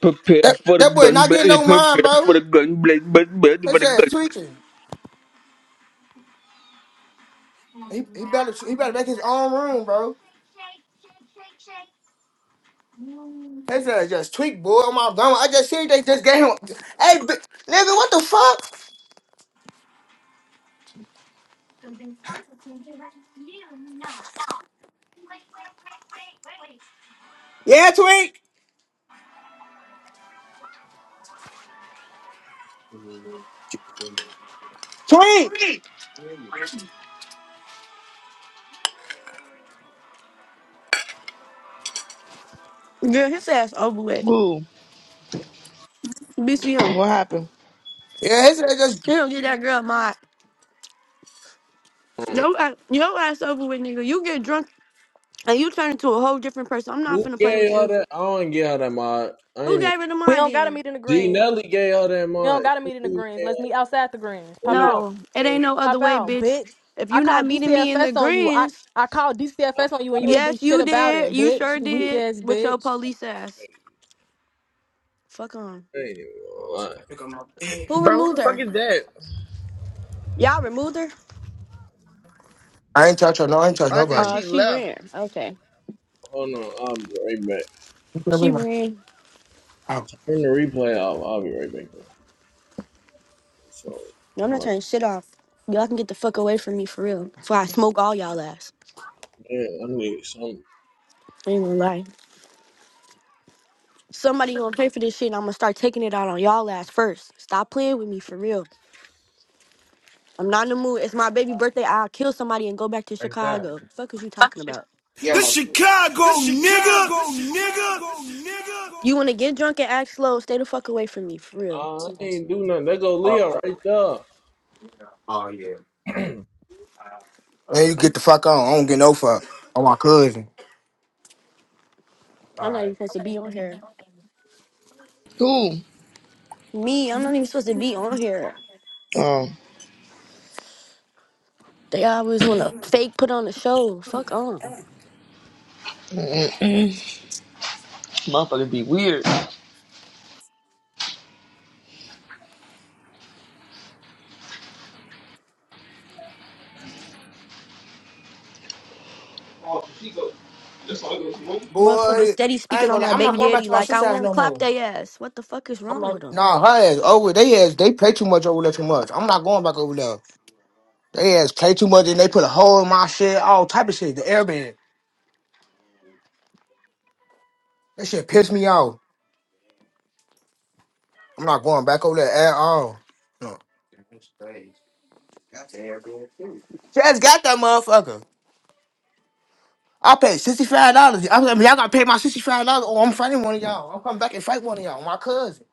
Prepare That for the that boy gun not blast. getting no mind, Prepare bro. for the gun blast. Prepare for His the gun ass tweaking. He he better he better make his own room, bro. His ass just tweak, boy. Oh my god, I just seen they just gave him. Hey, bi- nigga, what the fuck? Yeah, tweak, tweak. Girl, his ass over with. Who? BCM. What happened? Yeah, his ass just. You don't get that girl my Mm. your ass, your ass over with, nigga. You get drunk and you turn into a whole different person. I'm not Who finna play gave with her you. that? I don't get her that mod. I Who ain't even. gave her the We my don't gotta then? meet in the G greens. Nelly gave her that We don't mod. gotta meet in the You greens. gave Let's her- meet outside the greens. When Pop you out. No, it seen ain't no other Pop way, out, bitch. bitch. If I you not called meeting me in the DCFS on you. I, greens, I called DCFS on you and you outside of ain't do yes, shit you about it, did. You bitch. sure You this weak did ass with your bitch. police ass. crazy. Fuck on. I ain't even gonna lie. Pick up my bed. Who Bro, who removed the fuck her? is that? Y'all removed her? I ain't touch her. No, I ain't touch I think nobody. Uh, she she left. ran. Okay. Hold on, I'll be right back. You finna She bring my- ran. Oh. Turn the replay off. I'll be right back. So, No, I'm not my turning shit off. Y'all can get the fuck away from me for real. Before I smoke all y'all ass. man, I need some. I ain't gonna lie. Somebody gonna pay for this shit and I'm gonna start taking it out on y'all ass first. Stop playing with me for real. I'm not in the mood. It's my baby birthday. I'll kill somebody and go back to Chicago. Fuck is you talking about? The Yeah, Chicago, the man. Chicago nigga. nigga. nigga. You wanna get drunk and act slow, stay the fuck away from me, for real. I ain't do nothing. There go Leo right there. Man, you get the fuck on. I don't get no fuck on my cousin. I'm not even supposed to be on here. Who? Me, I'm not even supposed to be on here. Oh, They always wanna fake put on the show. Fuck on. Motherfucker be weird. Motherfucking Boy, steady I speaking ain't on gonna. my lie, I'm baby not going back daddy to my like I sister's house won't no clap more. they ass. What the fuck is I'm wrong not. with him? Nah, her ass over. They ass. They pay too much over there. Too much. I'm not going back over there. They ass play too much and they put a hole in my shit, all type of shit. The airbag. That shit pissed me off. I'm not going back over there at all. No. Just got that motherfucker. I paid $65. I mean, y'all gotta pay my $65 or I'm fighting one of y'all. I'm coming back and fight one of y'all. My cousin.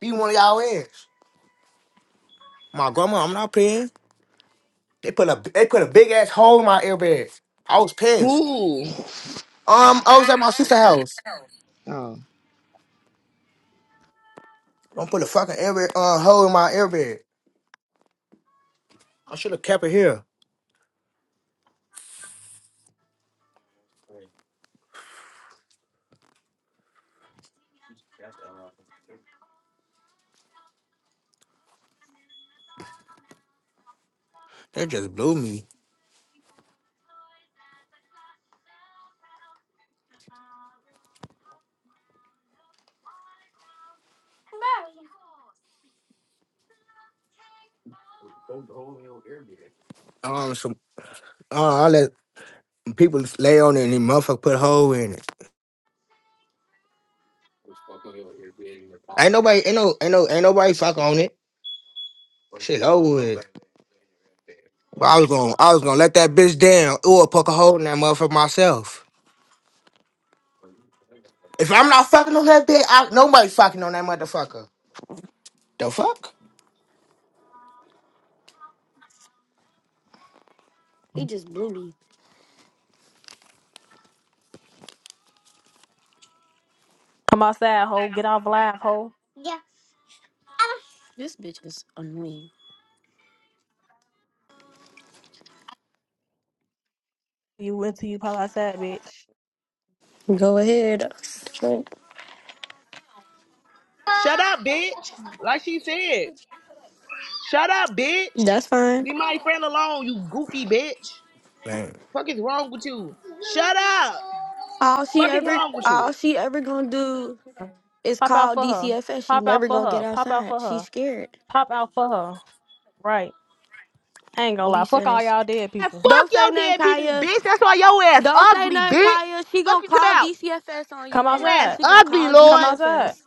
Be one of y'all ass. My grandma, I'm not paying. They put a they put a big ass hole in my airbag. I was pissed. who? Um, I was at my sister's house. Oh, Don't put a fucking airbag uh, hole in my airbag. I should have kept it here. They just blew me. Um, some. Uh, I let People lay on it and then motherfucker put a hole in it. Ain't nobody, ain't no, ain't no, ain't nobody fuck on it. Shit, over with. But I was gonna, I was gonna let that bitch down or poke a hole in that motherfucker myself. If I'm not fucking on that bitch, I, nobody fucking on that motherfucker. The fuck? He just blew me. Come outside, hoe. Get off live, hoe. This bitch is annoying. You went to you pop outside, bitch. Go ahead. Shut up, bitch. Like she said. Bitch. Shut up, bitch. That's fine. Leave my friend alone, you goofy bitch. Man. Fuck is wrong with you? Shut up. All she Fuck is ever, wrong with all you? she ever gonna do is Pop out call for her. DCFS. She Pop out never for gonna get her. Pop out outside. for She's her. scared. Pop out for her. Right. I ain't gonna lie. Police Fuck all says. y'all dead And people. fuck Don't say your nothing, dead people, Kaya. bitch. That's why your ass Don't say ugly, nothing, bitch. Kaya. She Fuck gonna you come call out! DCFS on Come Your you. ass outside. She gonna ugly, call Come Lord. outside. DCFS.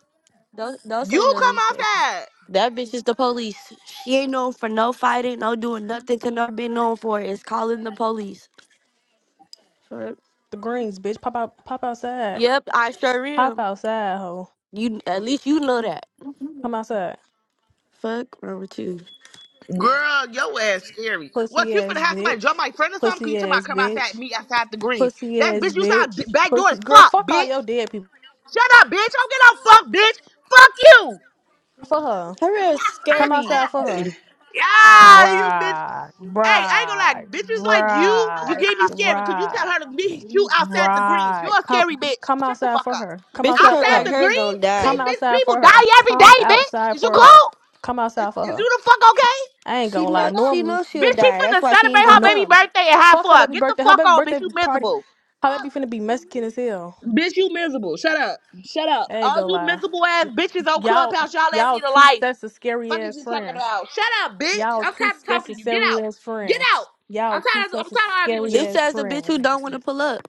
Don't don't say You come nothing, cause outside. that bitch is the police. She ain't known for no fighting, no doing nothing. to not been known for is calling the police. Fuck. The greens, bitch. Pop out pop outside. Yep, I sure Pop am. outside, hoe. You at least you know that. Come outside. Fuck, wrong with you? Girl, your ass scary. What pussy you finna ass have somebody bitch, jump my friend or something? Cause you pussy talking about ass come outside bitch, meet outside the greens. pussy That ass bitch, you sound d- bitch, back door pussy as girl. fuck, Fuck all bitch. your dead people. Shut up, bitch. Don't get no fuck, bitch. Fuck you. For her, Her is come scary. outside for her. Yeah, you bitch. Right, Hey, I ain't gonna right, lie, bitches like you, you right, gave me scary because you tell right, her to meet you outside the greens. right. You're a scary Come, bitch. come Shut the outside fuck for up. her. Come Bitches outside hurt for Outside her. like the her greens, gonna Come bitch, die. bitch outside people for die her. every Come day, bitch. outside Is you for her. cool? Come Is, outside for is her. you the fuck okay? I ain't She gonna lie. know she Normally, knows she'll Bitch, she die. That's finna why she celebrate ain't gonna her no. baby come. birthday at high Fuck her floor. baby Get the birthday. Her fuck baby on, bitch. birthday You party. miserable. Her baby finna be Mexican as hell. Bitch, you miserable. Shut up. Shut up. I ain't All gonna you lie. miserable ass bitches on Y'all, Clubhouse, y'all ass y'all need a two life. sets of scary Fuck is ass you talking friends. about? Shut up, bitch. Y'all I'm two tired of sets talking of to you. Get scary out. ass Get out. friends. Y'all I'm two tired of I'm sets of tired of arguing with scary you. This ass as a bitch who friends. don't want to pull up.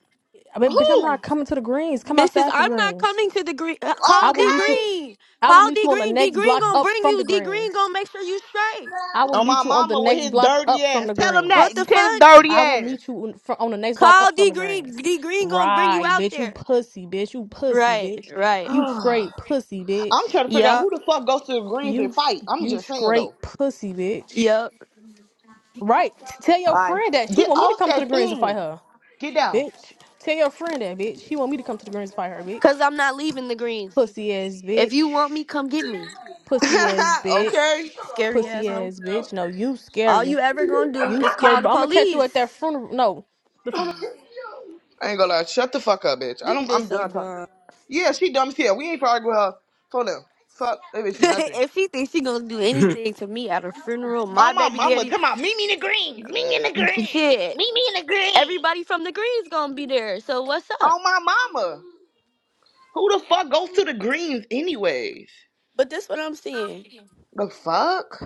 I mean, bitch, I'm Who? not coming to the greens. Come Mrs. outside the I'm not greens. coming to the green. uh, I Call will D meet Okay. you. Green. I will Call meet D you on the Green. D next Green block gonna up bring from you. the D Green greens. gonna make sure you straight. I will On my meet you on the mama with next his block dirty up from ass. the Tell him that. What greens. the Tell his fuck? dirty I will ass. meet you on fr- on the next block Call up from D the Green. greens. D Green gonna bring you Right, out bitch. You there. pussy, bitch. You pussy, Right. bitch. Right. You straight pussy, I'm bitch. trying to figure out who Yup. the fuck goes to the greens and You sh- fight. I'm you just saying though. straight pussy, bitch. Yup. Right. T- Tell your Aye. friend that she Get want me to off come to the that greens and thing. fight her, Get down. bitch. Tell your friend that, bitch. She want me to come to the greens and fight her, Cause bitch. I'm not leaving the greens. Pussy ass, If bitch. you want me, come get me. Pussy ass, okay. bitch. Scary Pussy asshole. ass, bitch. No, you All scary. you ever gonna do You is scary. call the But I'm gonna catch you at police. that funeral. No. the funeral. I ain't gonna lie. Shut the fuck up, bitch. I This don't. bitch I'm so done talking. dumb. Yeah, she dumb as hell. We ain't probably with her. Fuck them. Fuck that bitch. is Nothing. if she thinks she gonna do anything to me at a funeral, Oh my my baby mama. daddy, Come out, meet me in the greens. Meet me in the th- greens. shit, Meet me in the greens. everybody from the Greens gonna be there. So what's up? Oh my mama. Who the fuck goes to the greens anyways? But this what I'm seeing. The fuck?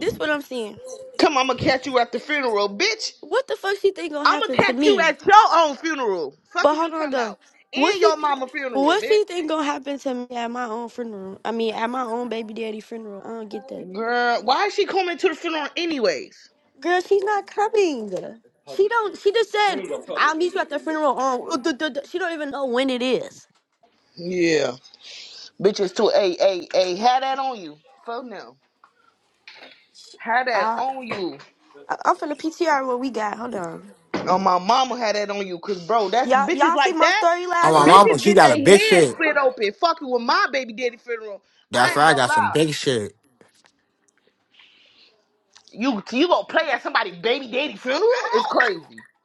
This what I'm seeing. Come, I'ma catch you at the funeral, bitch. What the fuck she think gonna I'ma happen to catch you me? at your own funeral. Fuck But is you hold on talking though. about? What And she your mama funeral, what bitch. she think gonna happen to me at my own funeral? I mean, at my own baby daddy funeral. I don't get that. Girl, why is she coming to the funeral anyways? Girl, she's not coming. She don't. She just said I'll meet you at the funeral. On she don't even know when it is. Yeah. Bitches too a a a had that on you. Fuck no. Had that on you. I- I'm finna PTR what we got. Hold on. Oh my mama had that on you. Cause bro, that's Y'all bitches y'all see like my that. story Oh, last my night? mama, Bitches she get got their a big head shit. split open. Fucking with my baby daddy funeral. That's I ain't right, I gonna got some lie. big shit. You you gonna play at somebody baby daddy funeral? It's crazy.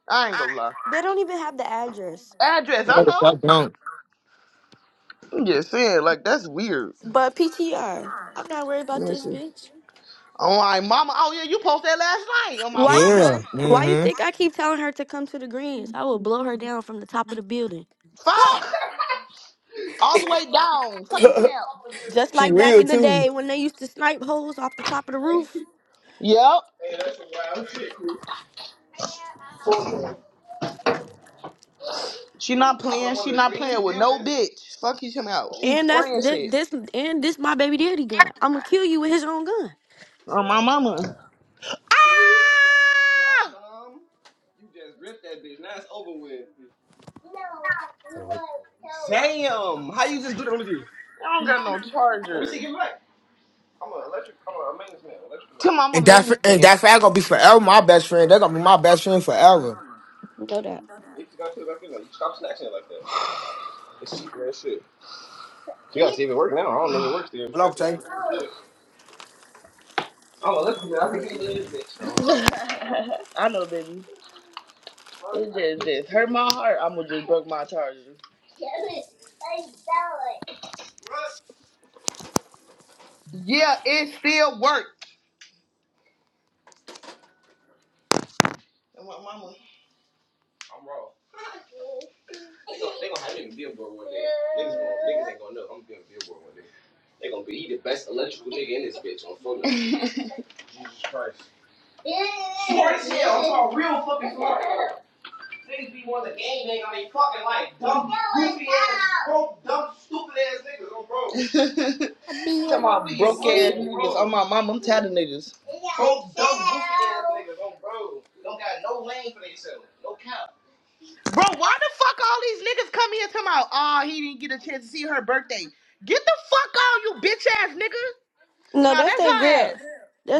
I ain't gonna lie. They don't even have the address. Address, I No, the know. fuck don't. I'm just saying, like that's weird. But PTR. I'm not worried about Let me this see. bitch. Oh my mama. Oh yeah, you posted that last night on my Why mama. Yeah. why you think Mm-hmm. I keep telling her to come to the greens? I will blow her down from the top of the building. Fuck. All the way down. Fucking Just she like back real in the smell. too. day when they used to snipe holes off the top of the roof. Yep. She not playing. She not playing with no bitch. Fuck you, come out. She And that's spraying this, shit this and this my baby daddy gun. I'm gonna kill you with his own gun. on my mama. Ah! You just ripped that bitch. Now it's over with. No. Damn! How you just do that with me? I don't got no charger. I'm an electric. I'm a maintenance man. Electrical man. I'm And a that maintenance man. and that I' gonna be forever my best friend. They're gonna be my best friend forever. Know that. You just gotta put it back in there. You stop snatching it like that. It's cheap as shit. You gotta see if it works now. I don't know if it works. Then you just Hello, gotta see if it Tay? works. Yeah. I'm an electric. man. I can see it. in this bitch. I know, baby. It just just hurt my heart. I'm gonna just broke my charger. Yeah, it still works. And what, mama? I'm raw. They gon- they gonna have me in the billboard one day. Niggas, gonna, niggas ain't gonna know. I'm gonna be in the billboard one day. They gonna be the best electrical nigga in this bitch on full. Smart as hell. I'm talking real fucking smart. Niggas be one of the game gang on they fucking like dumb, goofy ass, broke, dumb, stupid ass niggas. I'm broke. I be Talking a about broke ass sneak. niggas. Oh my mama, I'm tired of niggas. Broke, dumb, goofy ass niggas. I'm broke. Don't got no lane for themselves. No count. Bro, why the fuck all these niggas come here talking about, oh, he didn't get a chance to see her birthday? Get the fuck on, you bitch ass nigga. No, Nah, that's that's that her girl. ass.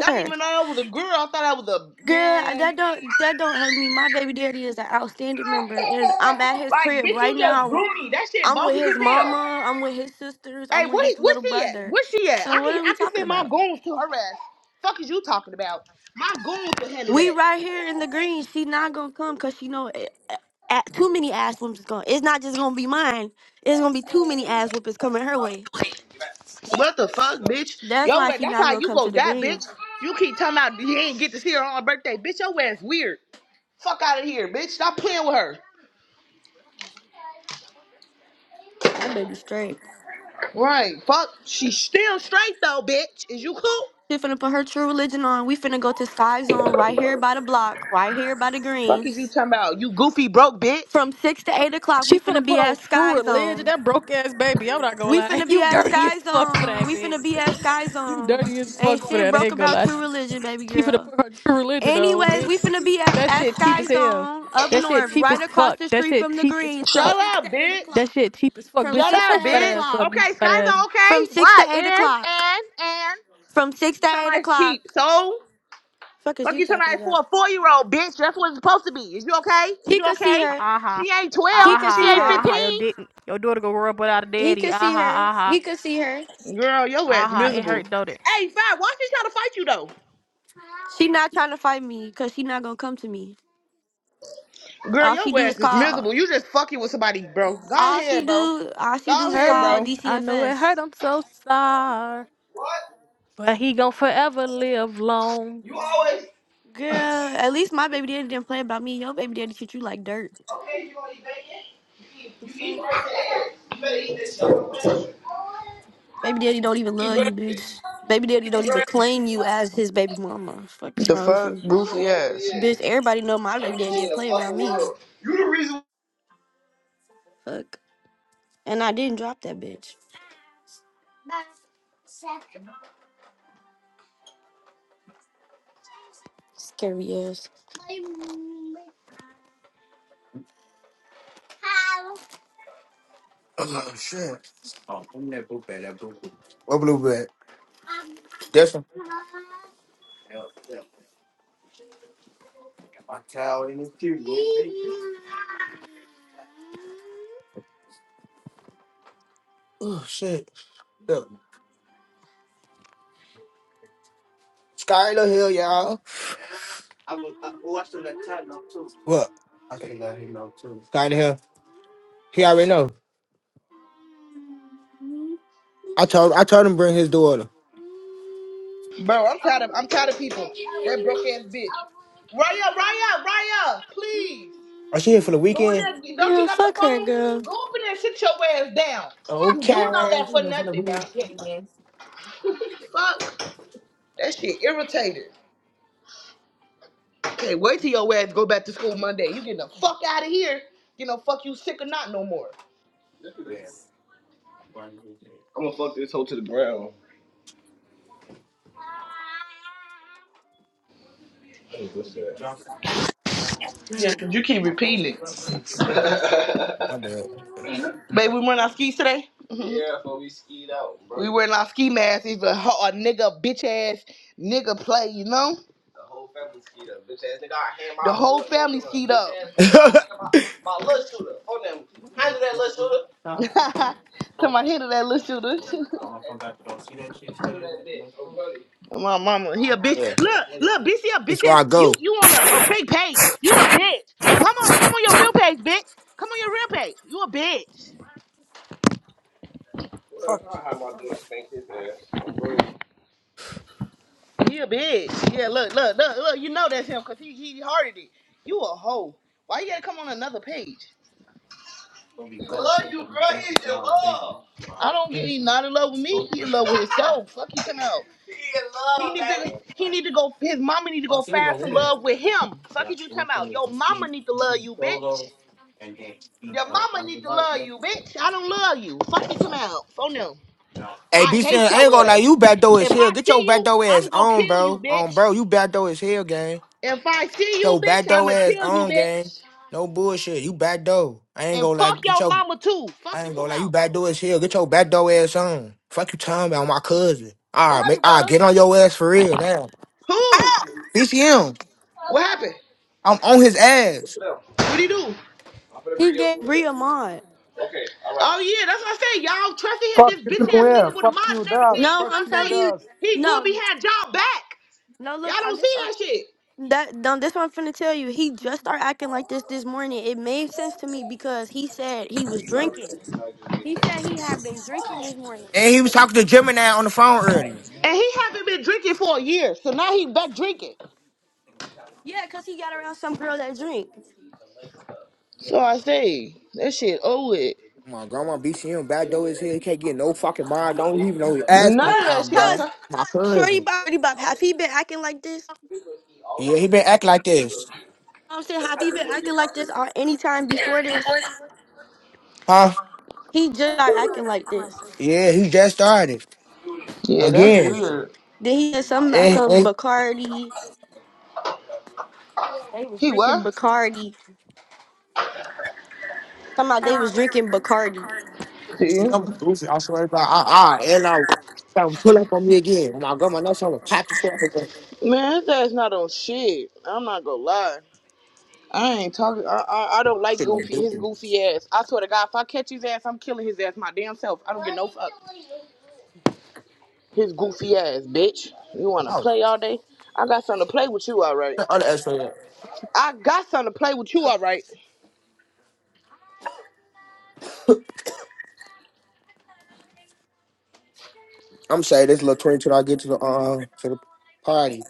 I not her. even know I was a girl. I thought I was a Girl, man. that don't that don't hurt me. My baby daddy is an outstanding member, and I'm at his Like, crib bitch, right you just grew now. me. That shit I'm with bogus his as hell. mama. I'm with his sisters. Hey, I'm with where his where's little she at? brother. Where's she at? So I what can are I we can talking send my about? goons to her ass. Fuck is you talking about? My goons will handle We that. right here in the green. She not gonna come because she know eh, eh, eh, too many ass whoopings is going. It's not just gonna be mine. It's gonna be too many ass whoopings coming her way. What the fuck, bitch? That's Yo, why ass- she that's not how gonna you come go to the die, bitch. greens. You keep talking about you ain't get to see her on her birthday, bitch. Your ass weird. Fuck out of here, bitch. Stop playing with her. My baby straight. Right. Fuck. She's still straight though, bitch. Is you cool? She finna put her true religion on. We finna go to Sky Zone right here by the block, right here by the Fuck is you greens. talking about? You goofy broke bitch. From six to eight o'clock, She we finna finna put be on at true Sky religion. Zone. That broke ass baby. I'm not gonna We lie. finna be You at dirty as Sky fuck for Zone. that We bitch. finna be at Sky You Zone. dirty as Ain't fuck for shit that. I broke ain't gonna about lie. She true religion, baby she finna girl. put her true religion on, Anyways, bitch. we finna be at, That at shit cheap as Sky hell. Zone up That shit north, cheap as right across fuck. the That street shit from the cheap as Greens, from Shut fuck. six to up, eight bitch. That o'clock. shit cheap as fuck, From bitch. Shut Shut six to up, your fat eight bitch. ass up, o'clock. you Okay, fat Sky's ass. on From okay. six to What? In eight o'clock. and From six to eight somebody's o'clock. cheap. So Fuck is fuck you you talking somebody about? for a four-year-old, bitch. That's what it's supposed to be. Is you okay? Is He you could see okay? her. Aha, She ain't He 12. could She aha, see ain't her. aha. Your dick, 15. your daughter gonna grow up without a He daddy. could Aha, see her. aha, He could see her. Girl, your ass aha. It miserable. hurt, don't it? Hey, Fat, why she trying to fight you though? She not trying to fight me, cause she not gonna come to me. Girl, All she your do is ass is call. miserable. You just fucking with somebody, bro. Go All ahead, she bro. do, all she do Go is ahead, call Hurt. bro. I know it hurt. DCFS. I'm so sorry. What? But he gonna forever live long. You always. Girl, at least my baby daddy didn't play about me. Your baby daddy treat you like dirt. Okay, you gonna eat bacon? You eat, The you eat fuck? right there. You better eat this shit. Baby daddy don't even love you, bitch. Baby daddy don't even claim you as his baby mama. Fuck is The wrong with fuck, you, goofy ass. bitch? Everybody know my baby Everything daddy in didn't the play about fucking me. world. You the reason. Fuck. And I didn't drop that bitch. Scary ass. Oh shit. What blue bag? This one. Oh shit. Look, Sky the hill, y'all. What? Sky the hill. He already know. I told I told him to bring his daughter. Bro, I'm tired of I'm tired of people. That broke ass bitch. Raya, Raya, Raya, please. Are she here for the Go in weekend? there. Don't you Girl, got the fuck her, phone? girl. Go up in there and sit your ass down. You Okay. doing all that She for here for the nothing, bro. weekend. Fuck. That shit irritated. Hey, wait till your ass go back to school Monday. You getting the fuck out of here. You know, fuck you sick or not no more. Oh, Yeah, cause you keep repeating it. My bad. Babe, we wearing our skis today? Mm-hmm. Yeah, but we skied out, bro. We wearing our ski masks. Even a, a nigga, bitch ass nigga play, you know? The whole family skied up. Bitch ass nigga, I hand my The whole family skied up. Bitch ass nigga, I hand my, my little shooter. Phone them. Handle that little shooter. to my head of that little shooter. My mama, he a bitch. yeah. Look, look, bitch, he a bitch. Before ass- I go. You, you on a, a fake page. You a bitch. Come on, come on your real page, bitch. Come on your real page. You a bitch. He a bitch. Yeah, look, look, look, look. You know that's him because he, he hearted it. You a hoe. Why you gotta come on another page? love you, bro. He's in love. I don't get. Yeah. He not in love with me. He in love with himself. Fuck you, come out. He in love. He need, to, he need to go. His mama need to go fast in love with him. Fuck you, come out. Your mama need to love you, bitch. Your mama need to love you, bitch. I don't love you. Fuck you, come out. Oh no. Hey, I B Sin, hate I ain't gonna your lie, ass. you back door If as hell. I Get your see back you, door ass I'm gonna on, kill you, bro. On, bitch. bro, you back door as hell, gang. If I see Get you, your back bitch, door I'ma ass kill you, on, gang. bitch. No bullshit, you back door. I ain't And gonna lie, fuck get your your mama too. Fuck I you, ain't come gonna lie, you out. backdoor as hell. Get your backdoor ass on. Fuck you talking about my cousin. What Alright, make happened, all right, brother? get on your ass for real now. Who? BCM. What happened? I'm on his ass. What would he do? He gave Bria mod. Oh yeah, that's what I say. Y'all trusted him, Fuck this you, bitch ass Tucumã. nigga with a Fuck mod you, and Daz. everything. No, This Fuck I'm what you, I telling say. you. Daz. He gonna No, be had y'all back. no. Y'all Look, I don't see just that shit. That done this one I'm finna tell you. He just started acting like this this morning. It made sense to me because he said he was drinking. He said he had been drinking this morning. And he was talking to Gemini on the phone earlier. And he haven't been drinking for a year, so now he back drinking. Yeah, cause he got around some girl that drink. So I say, that shit owe it. Oh My grandma BCM backdoor as hell. He can't get no fucking mind. Don't even know his ass no None of Cause, that time, shit. I bro. cause tell- My Shorty cousin. Bop, Shorty Bop, have he been acting like this? Yeah, he been acting like this. I'm saying, have he been acting like this on any time before this? Huh? He just started acting like this. Yeah, he just started. yeah, that's Again. weird. Then he said something about And, some and Bacardi. They was He drinking what? Bacardi. Somehow they was drinking Bacardi. See, BCM goofy. I swear to God. I, I, and I, I'm pull up on me again. Oh My grandma knows I'm gonna pop the shit man, his ass not on shit. I'm not gonna lie. I ain't talking. I, I I don't like Shit don't goofy do his me. goofy ass. I swear to God, if I catch his ass, I'm killing his ass my damn self. I don't get no fuck. His goofy ass, bitch. You wanna Oh, play all day? I got something to play with you, all right. the other extra. yeah. I got something to play with you, all right. I'm saying this little twenty two I get to the uh to the party.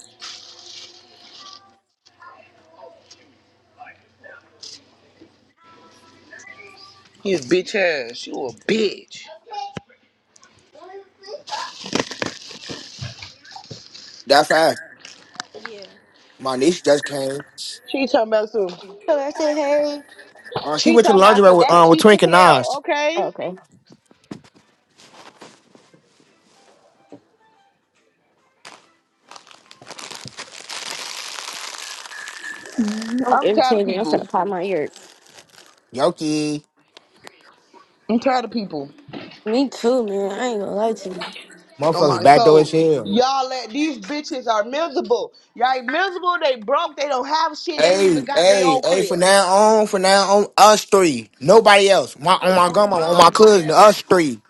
His bitch ass. You a bitch. That fast. Yeah. My niece just came. She talking about some. So I said, Uh, she She went to the talking about lingerie some. with uh, That's with cheap as Twink and hell. Nas. Okay. hey. I'm I'm tired of irritated. I'm people. finna pop my ear. Yoki. I'm tired of people. Me too, man. I ain't gonna lie to you. Oh Motherfuckers my back door as soul. hell. Y'all let these bitches are miserable. Y'all miserable, they broke, they don't have shit, they ain't Hey, even got their hey, own hey, crib. for now on, for now on, us three. Nobody else. My on Cause my on grandma, bro, on my they cousin, ass us three.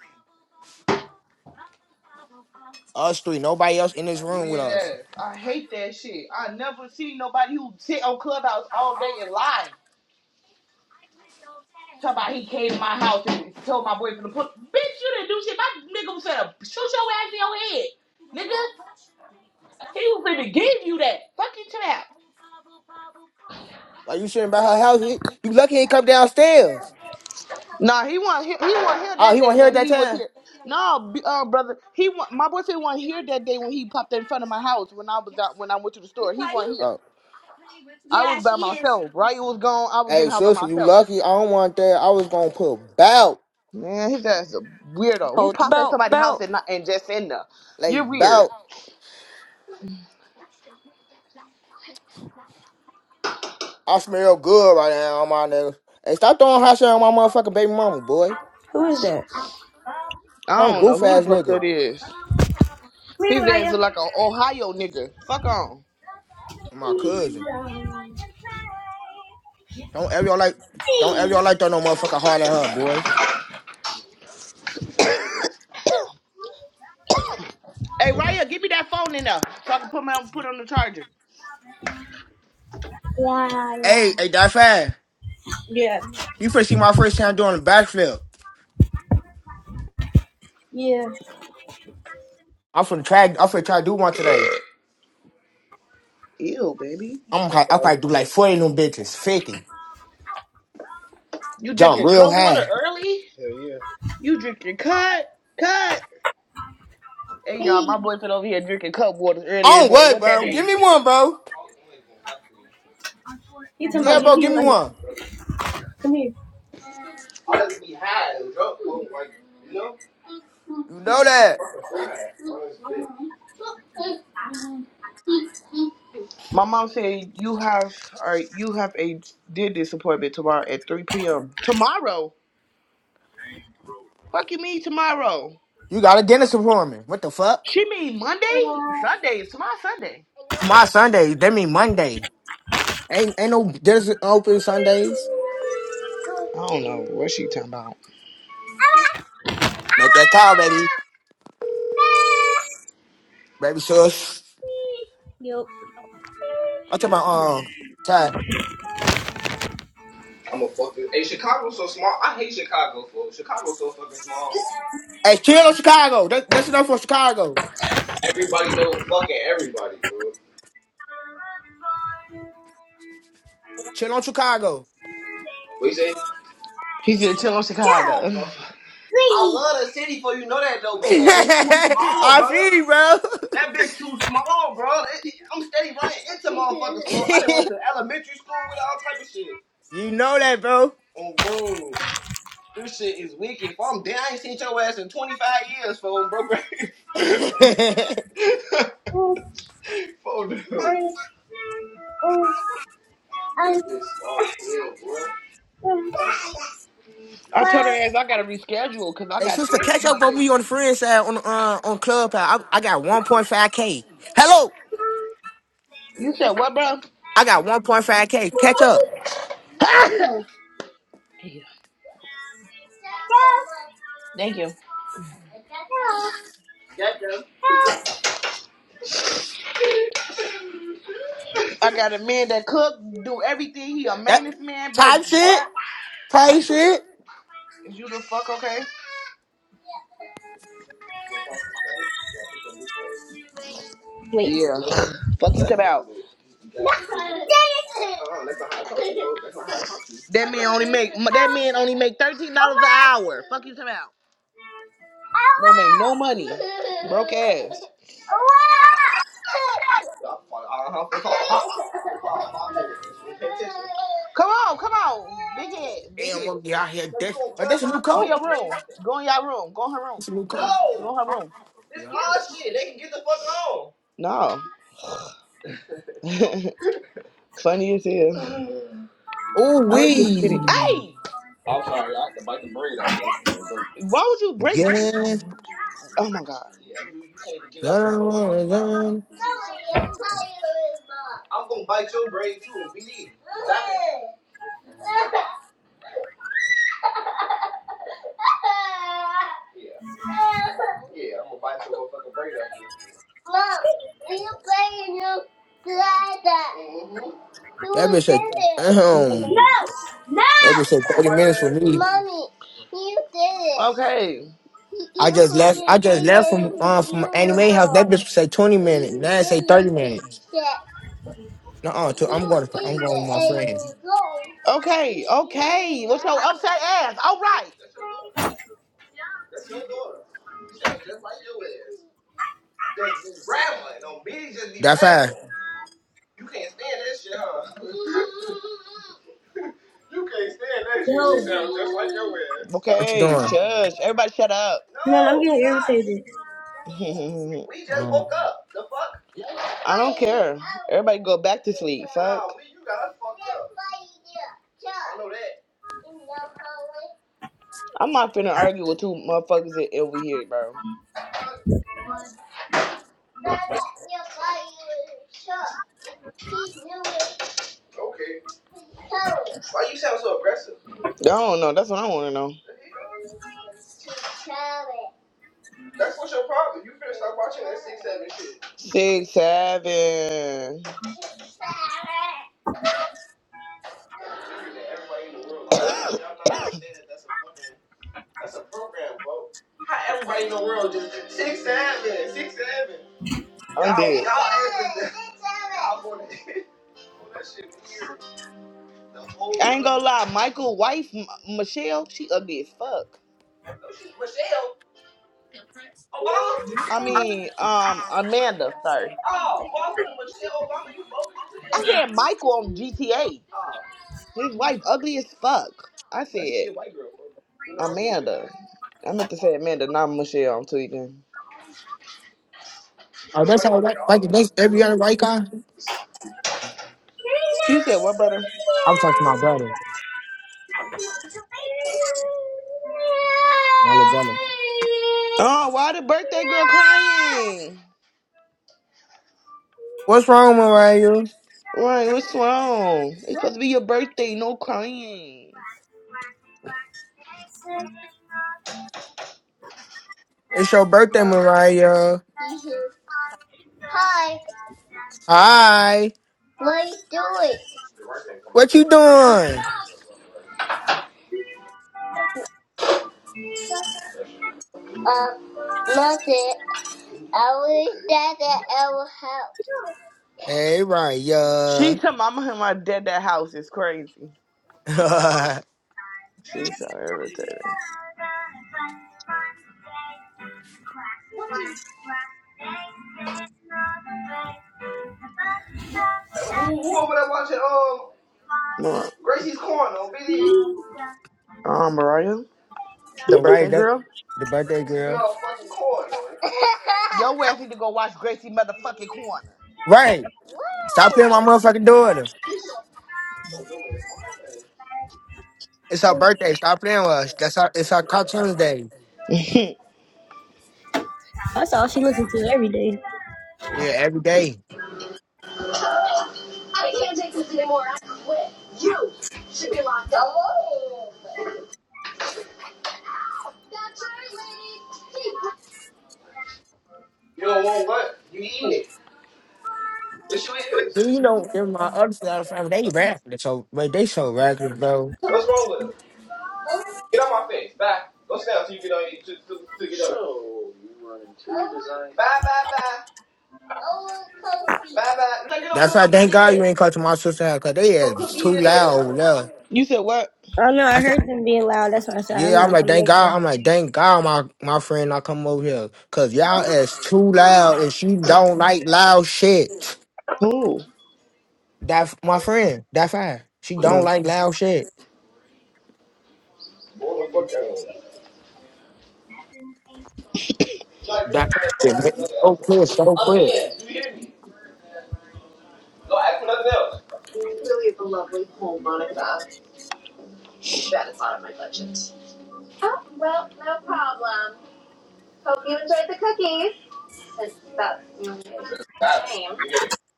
Us three. Nobody else in this room with weird us. ass. I hate that shit. I never seen nobody who sit on clubhouse all day and lie. Talk about he came to my house and told my boyfriend to put bitch, you didn't do shit. My nigga was gonna shoot your ass in your head. Nigga, he was gonna give you that. Fuck Fucking trap. Why you sitting by her house? He- You lucky he ain't come downstairs. Nah, he want he, he want here Oh, that he day wasn't here at when that he was time. here. No, b- uh, brother, he want my boyfriend want here that day when he popped in front of my house when I was out when I went to the store. He wasn't here. Oh. I was by myself. Right, was gone. I was in Hey, the house by sister, you myself. lucky. I don't want that. I was gonna put bout, Man, his ass a weirdo. Who Hold the popped at belt, somebody's house belt. and not and just in there? like You're weird. bout. I smell good right now, on my nigga. Hey, stop throwing hot shit on my motherfucking baby mama, boy. Who is that? I Some don't know goof who the ass fuck nigga. that is. His ass look like a Ohio nigga. Fuck on. My cousin. Don't ever y'all like. Don't ever y'all like throw no motherfucking hard at her, boy. Hey, Raya, give me that phone in there so I can put my put on the charger. Hey, hey, that fast. Yeah. You finna see my first time doing the backflip. Yeah. I'm finna try. I'm finna try to do one today. Ew, baby. I'm. hi- I probably do like forty of them bitches, fifty. You Jump drinking real cold water high. early? You drinking cut, cut. Hey y'all, my boyfriend over here drinking cup waters early I this don't morning. worry, What that bro. Give mean? me one, bro. You Tell just bro, give me one. I like be high drunk, like you know. You know that. my mom said you have or you have a dentist appointment tomorrow at three p.m. Tomorrow? Fuck you mean tomorrow? You got a dentist appointment. What the fuck? She mean Monday? Sunday? It's tomorrow Sunday. Tomorrow Sunday. That mean Monday. Ain't ain't no dentist open Sundays. I don't know what she talking about. Make that call, baby. Baby sus. I'm talking about um time. I'm a fucking. Hey, Chicago's so small. I hate Chicago, bro. Chicago's so fucking small. Hey, chill on Chicago. That, that's enough for Chicago. Everybody know fucking everybody, bro. Chill on Chicago. What you say? He's gonna chill on Chicago. I love the city for you know that though, but for it's too small, I brother. feel you, bro. That bitch too small, bro. It- it- I'm steady running into motherfuckers, bro. I done went to elementary school with all type of shit. you know that, bro. Oh, bro, this shit is wicked. If I'm dead, I ain't seen your ass in 25 years, phone, bro. hey, Phone, this is small as hell, boy. I told her ass I gotta reschedule because I got sister, therapy catch up with Monday. me on the friend side on uh, on Clubhouse. I, I got 1.5k. Hello, You said what, bro? I got 1.5k. Catch up. Yeah. Thank you. I got a man that cook, do everything. He a That maintenance man, baby. type shit, What? type shit. Is you the fuck okay? Yeah. Fuck you talking out. That man only make that man only make thirteen dollars an hour. Fuck you talking out. Don't make no money. Broke ass. Come on, come on. Big head, big Damn, head. I'm get out here. That's, like, that's a new Go in coat. your room. Go in your room. Go in her room. That's a new coat. No. Go in her room. It's all shit. They can get the fuck on. No. Funny as hell. Ooh I was just kidding. wee. Hey! I'm I sorry. I had to bite the braid off here. Why would you break? Yes. Oh my god. You you can't even get out your your motherfucking mouth. No, I'm gonna bite your braid too, We need. Stop it. Yeah, yeah, I'm gonna bite your motherfucking brain up. Mom, you playing your glider. hmm That You bitch did said, it. um, that bitch said I'm gonna thirty bite her minutes for me. Mommy, you did it. Okay. You I you just left. I couldn't just eat left from uh, from you were anime house. That born. bitch said twenty minutes. You Now it say did thirty it, minutes. teacher. No, uh, I'm You going. To, I'm eat going with it my and you friend. were born. Okay. Okay. What's your upset ass? All right. That's your daughter. That's your daughter. You sound just like your ass. just be rambling. No bitch just be That's rambling. fine. You can't stand that shit, huh? you can't stand that shit. She sounds just like your ass. What you Okay, doing? shush. Everybody shut up. No, I'm No, we getting not. irritated. We just Um, woke up. The fuck? I don't care. Everybody go back to sleep. Fuck. Nah, we you got us fucked up. I know that. I'm not finna argue with two motherfuckers that over here, bro. Okay. Why you sound so aggressive? I don't know. That's what I want to know. The hell? That's what's your problem. You finna stop watching that six seven shit. Six seven. Figuring that everybody in the world lies. Y'all not understand that that's a fucking that's a program, bro. How everybody in the world just six seven, six seven. I'm Y'all dead. y'all asking y'all going to that shit weird. I ain't gonna lie, Michael wife M- Michelle, she ugly as fuck. Michelle Obama. I mean, um, Amanda. Sorry. Oh, Boston, Michelle Obama. You both. I said Michael on GTA. Oh. His wife ugly as fuck. I said That's white girl, bro. You know Amanda. I meant to say Amanda, not Michelle. I'm tweaking. You oh, know that's white how. girls get Like, all like the bad that's in the every other world. white guy. You said what, brother? I was talking to my brother, my little brother. Oh, why the birthday girl crying? What's wrong with you? Right, what's wrong? It's supposed to be your birthday, no crying. It's your birthday, Mariah. Hi, Hi. what you doing? What you doing? Um, nothing. I was dead at our house. Hey, Mariah. She come mama and my dad that house is crazy. She's so irritated. Who, who over there watching um Mar- Gracie's Corner on BD? Um Mariah? The Mariah, birthday that girl? the birthday girl. Motherfucking corner. Your ass need to go watch Gracie motherfucking corner. Right. Stop Why? playing with my motherfucking daughter. It's her birthday. Stop playing with us. That's our it's our cartoons day. I That's all she listens to every day. Yeah, every day. can't take this anymore. I quit. You should be locked up. Oh. That's right, lady. Keep You don't want what? You eating it. This you Then, is. You know, in my other side of the family, they rapping. So but they so reckless, bro. What's wrong with him? Get out my face. Bye. Go sit down so you can only to, get up. Sure. Bye, bye, bye. Oh, cookie. Bye, bye. No, get no That's why cookie. You thank God did. you ain't cut to my sister house, because they ass From was cookie too to loud over this. there. You said what? Them being loud, that's why I said I'm Yeah, I'm not like, coming thank over God. there. I'm like, thank God, my my friend, I come over here, cause y'all is too loud, and she don't like loud shit. Who? That my friend, that fire. She don't Oh. like loud shit. Blow the fuck out of Yeah. act for nothing else. Really is a lovely home, Monica. That is out of my budget. You enjoy the game. A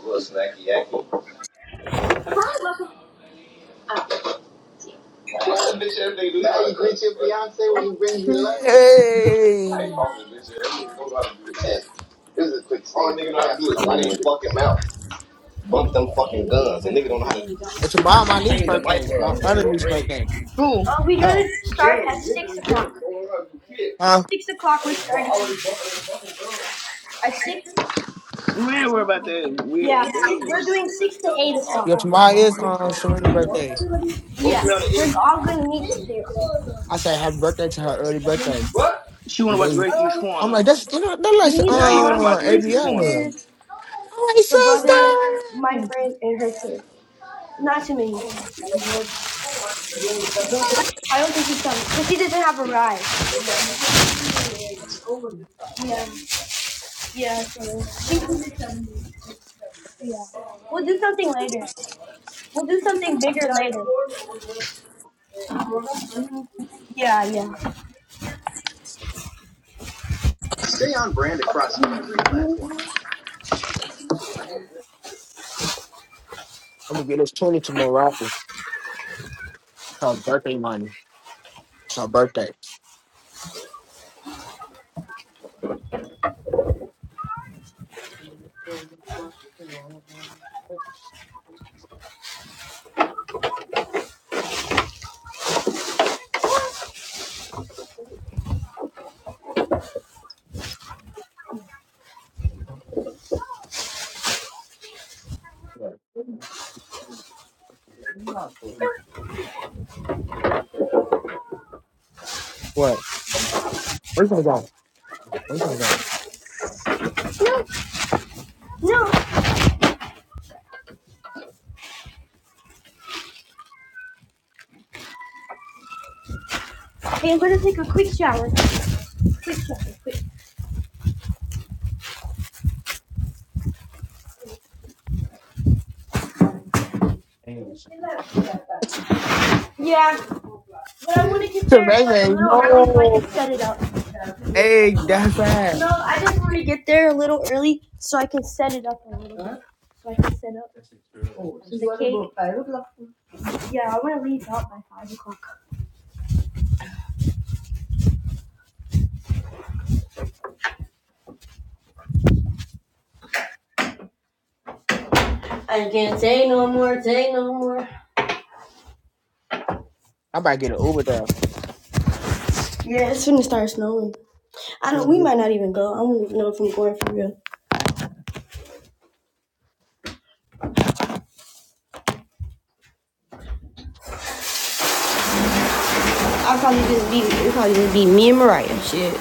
little snacky yacky. Bitch, everything Now you greet your bitch. Hey, this. Yeah. is a quick All nigga know how to do is run his fucking mouth. Bump them fucking guns. And nigga don't know how and tomorrow my to niece's change the light birthday, bulb my on other both niece's ends. birthday. Who? Oh, we do Oh. it start General. at Niggas 6 in general. o'clock. Don't know how to do shit. Huh? 6 o'clock we're But starting. already bumping. At 6? Yeah, 6. We're doing 6 to 8 o'clock. Yeah, tomorrow is uh Serena's birthday. Go Yeah, sit down and we're eat. all going to meet there. I said happy birthday to her early birthday. What? She want to Well, watch they, Gracie's Um, I'm Corner. like, that's you know, that's like me, the Now you want to mom, the uh watch two Gracie's Adriana. Corner. sisters, I'm like, the sister, brother, my I'm friend, and her kid. Not too many. I don't think he's coming. cause he doesn't have a ride. Yeah, yeah, so yeah. We'll do something later. We'll do something bigger later. Yeah, yeah. gonna get us twenty to Morocco. It's her birthday money. It's my birthday. What? We're gonna go. We're gonna go. No, I'm gonna take a quick shower. Quick shower, quick. Yeah, but I want to get To there Ray a Ray, little early so I no. can set it up. Hey, that's right. No, I just want to get there a little early so I can set it up a little. Huh? So I can set up. Oh, so The you want to go at five o'clock? Yeah, I want to leave out by five o'clock. I might get an Uber there. Yeah, it's gonna start snowing. I Yeah, don't. We you might not even go. I don't even know if I'm going for real. I'll probably just be it'll probably just be me and Mariah. Shit.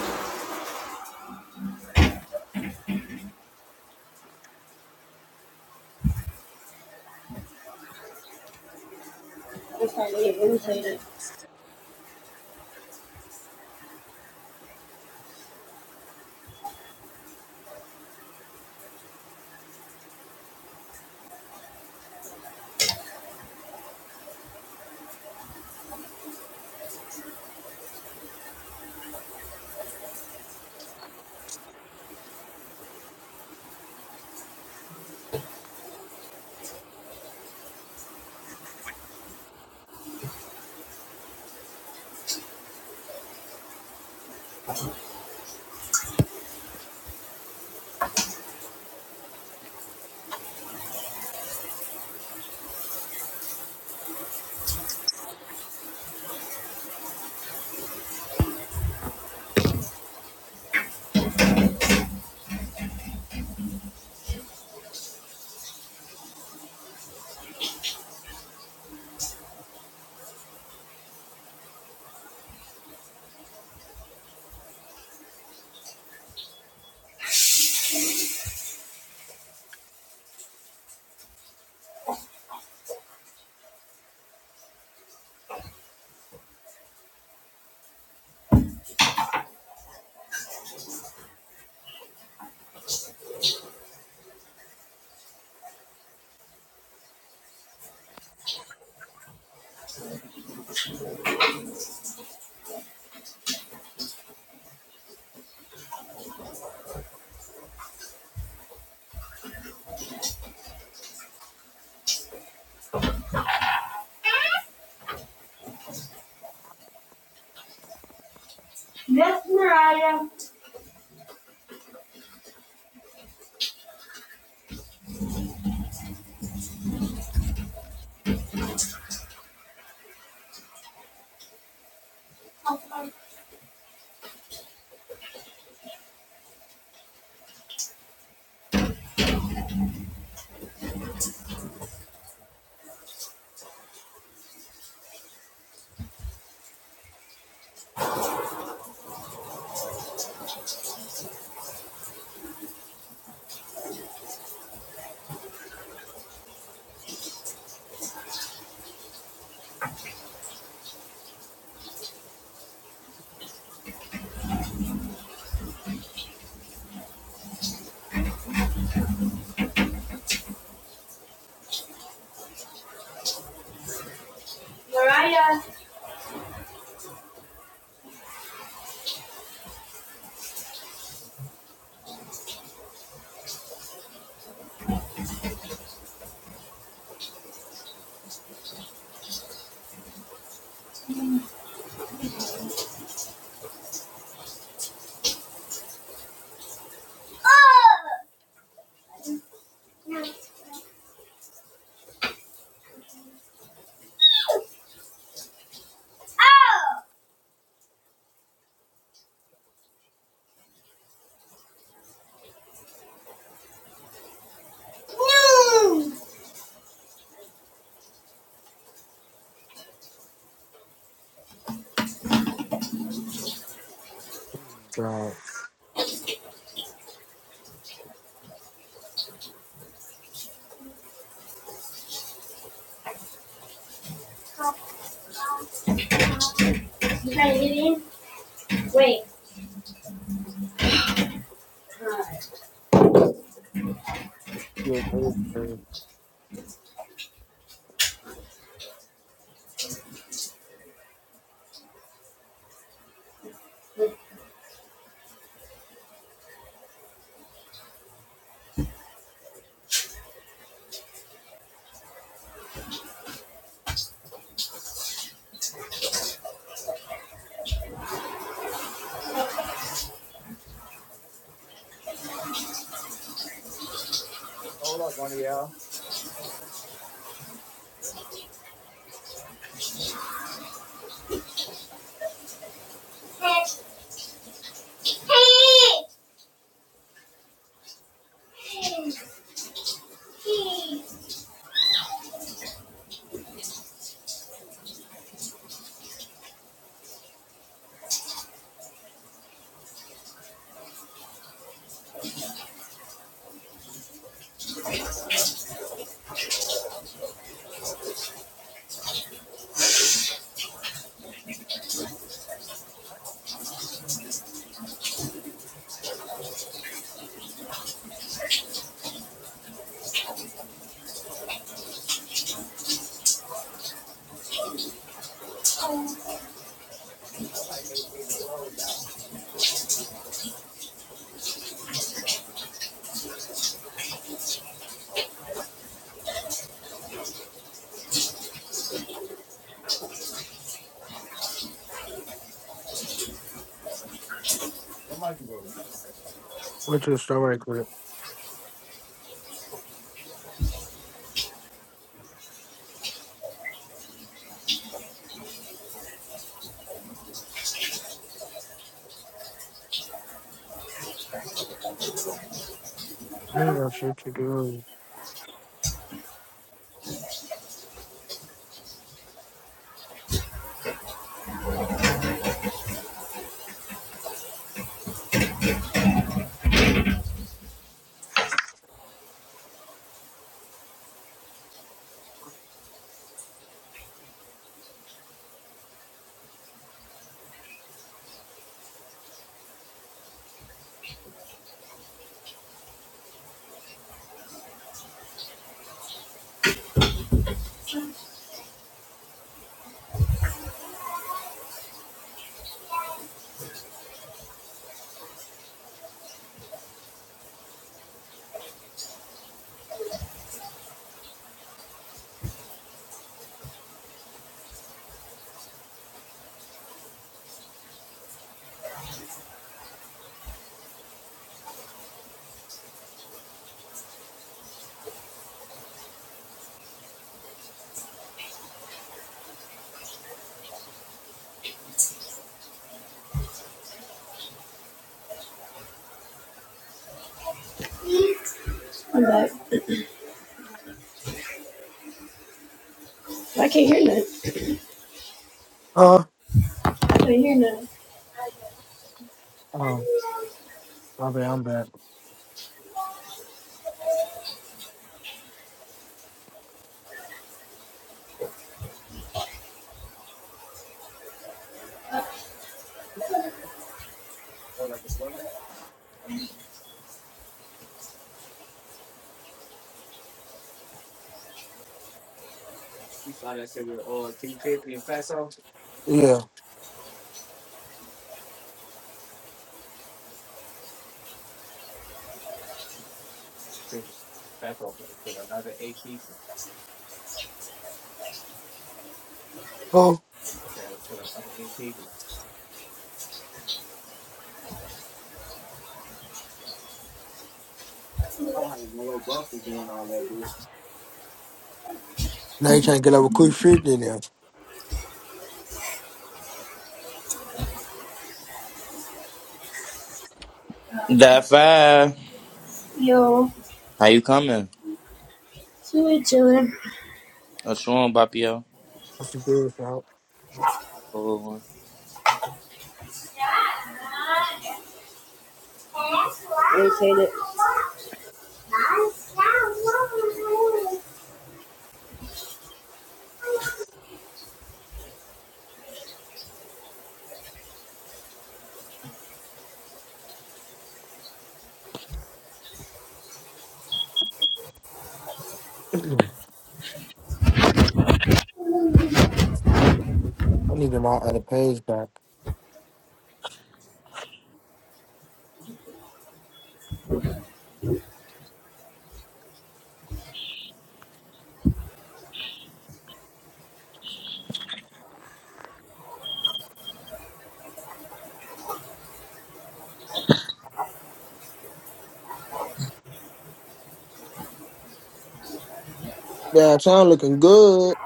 That's Mariah. Mariah, drive. Yeah, you drive. Went to the store right quick. Ain't no shit you do. Huh? Oh, my bad. I'm back. Yeah. Oh, now you trying to get up a quick shit in there. That five. yo. How you coming? So we're chilling. What's wrong, Bapio? That's the good out. I need my other page back. Yeah, sound looking good.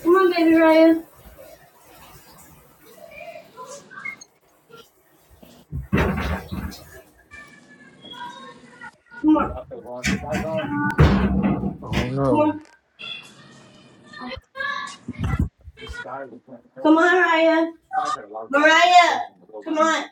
Come on, baby Mariah. Oh no. Come on, Mariah. Mariah, come on.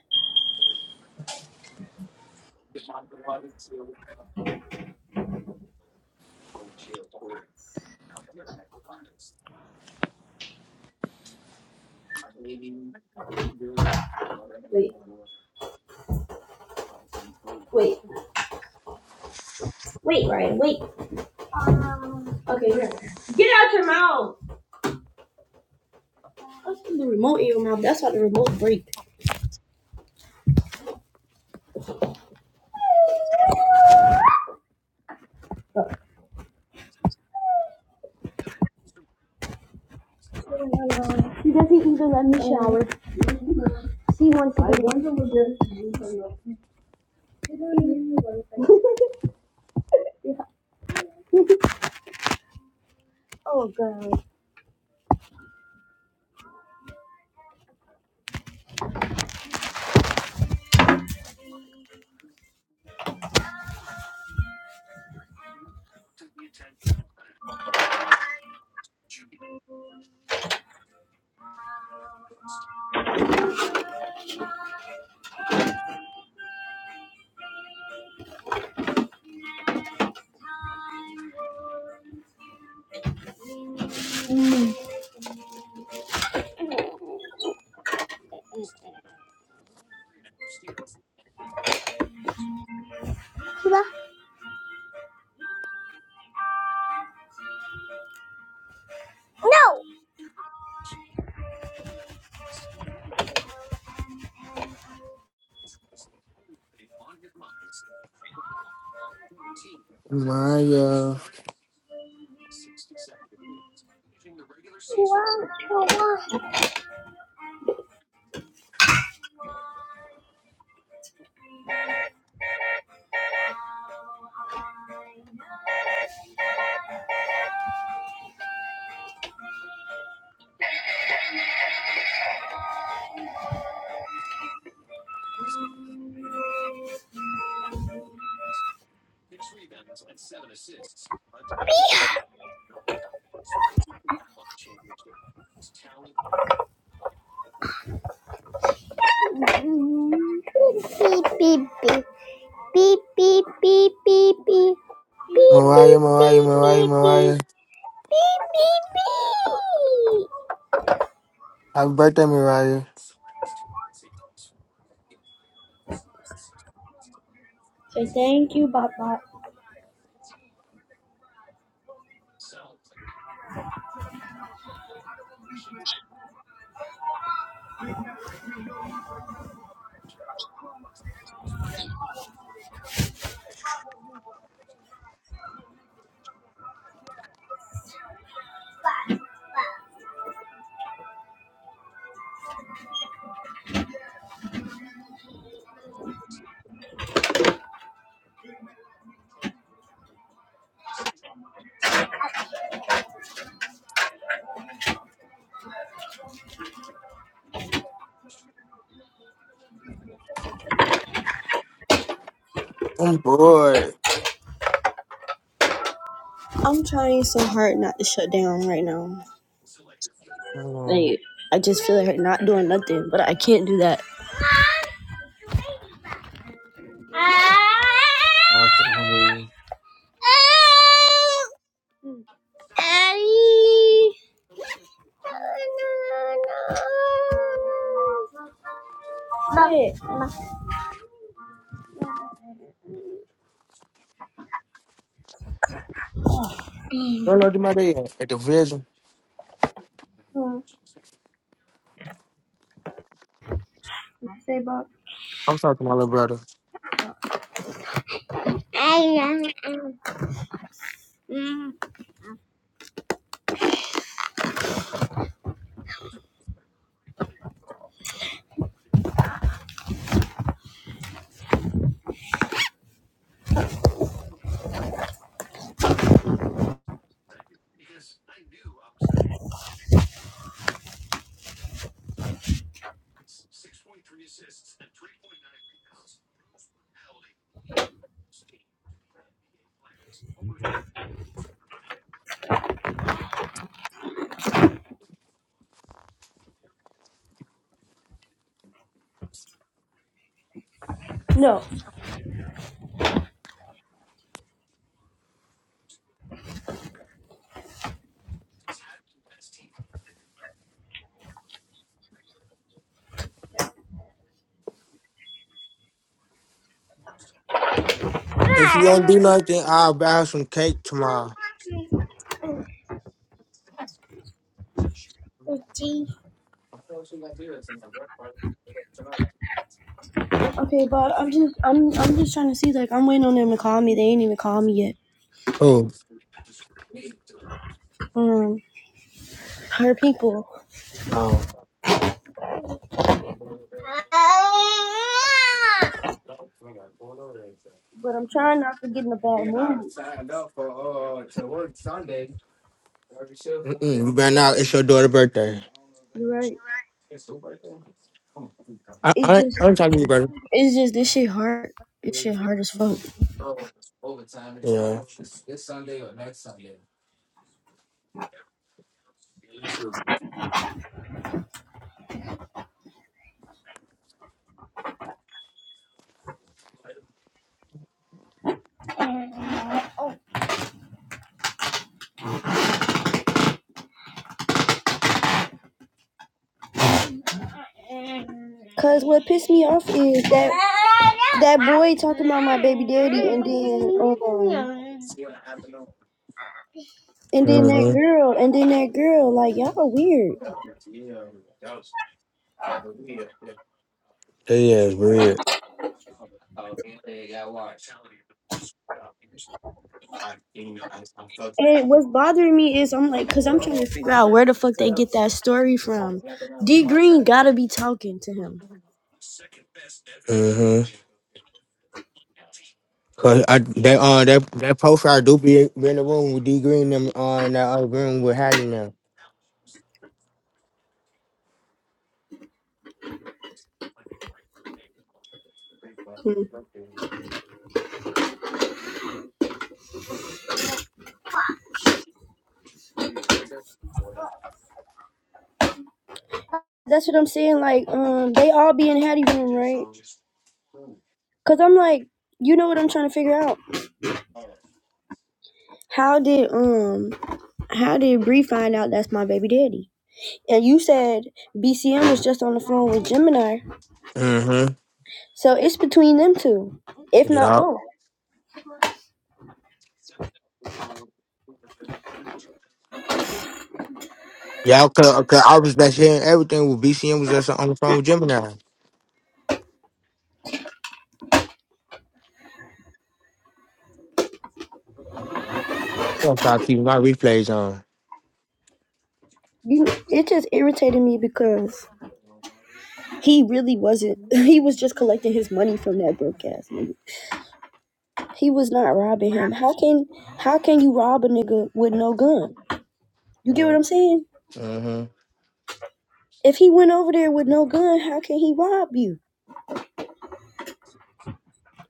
Wow. Mariah. Beep beep beep beep beep beep beep beep beep beep beep beep Mariah, Mariah, beep Mariah, beep Mariah. beep beep. Happy birthday, Mariah. I'm bored. I'm trying so hard not to shut down right now. Mm, Like I just feel like I'm not doing nothing, but I can't do that. I'm so hungry. Where Lord Jamae at? At the vision. I'm talking to my little brother. No. If you don't do nothing, I'll buy her some cake tomorrow. Okay, but I'm just I'm I'm just trying to see like I'm waiting on them to call me. They ain't even called me yet. Who? Um, her people. But I'm trying not to get in a bad mood. Mm-mm, you better not. It's your daughter's birthday. You're right. I, It's I, ain't- just I ain't talking to you, brother. it's just this shit hard. This shit hard as fuck. Yeah. Cause what pissed me off is that that boy talking about my baby daddy, and then um And then that Mm-hmm. girl, and then that girl, like y'all are weird. Yeah, it's weird. And what's bothering me is I'm like, cause I'm trying to figure out where the fuck they get that story from. D Green gotta be talking to him. Mm-hmm. Cause I that uh that that poster I do be, be in the room with D Green and uh in that other room with Hattie now. Hmm. That's what I'm saying. Like, um, they all be in Hattie room, right? Cause I'm like, you know what I'm trying to figure out? How did um, how did Bree find out that's my baby daddy? And you said BCM was just on the phone with Gemini, Mm-hmm. so it's between them two, if not Yup. both. Y'all, cause, cause I was back sharing everything with BCM was just on the phone with Gemini. I'm trying to keep my replays on. You, it just irritated me because He really wasn't. He was just collecting his money from that broke ass nigga. He was not robbing him. How can how can you rob a nigga with no gun? You get what Uh, I'm saying? mm-hmm. If he went over there with no gun, how can he rob you?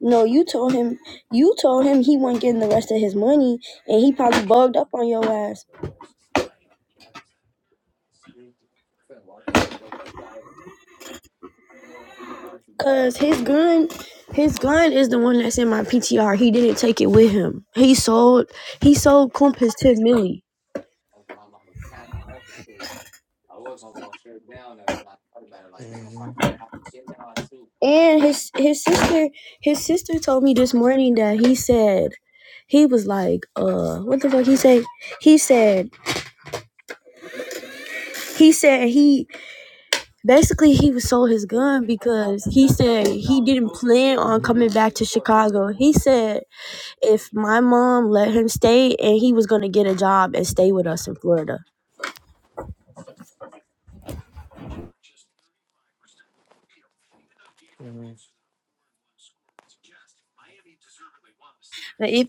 No, you told him you told him he wasn't getting the rest of his money and he probably bugged up on your ass. Cause his gun his gun is the one that's in my PTR. He didn't take it with him. He sold he sold Kump his ten milli. And his his sister his sister told me this morning that he said he was like, uh, what the fuck he said? He said he said he basically he was sold his gun because he said he didn't plan on coming back to Chicago. He said if my mom let him stay and he was gonna get a job and stay with us in Florida. Like if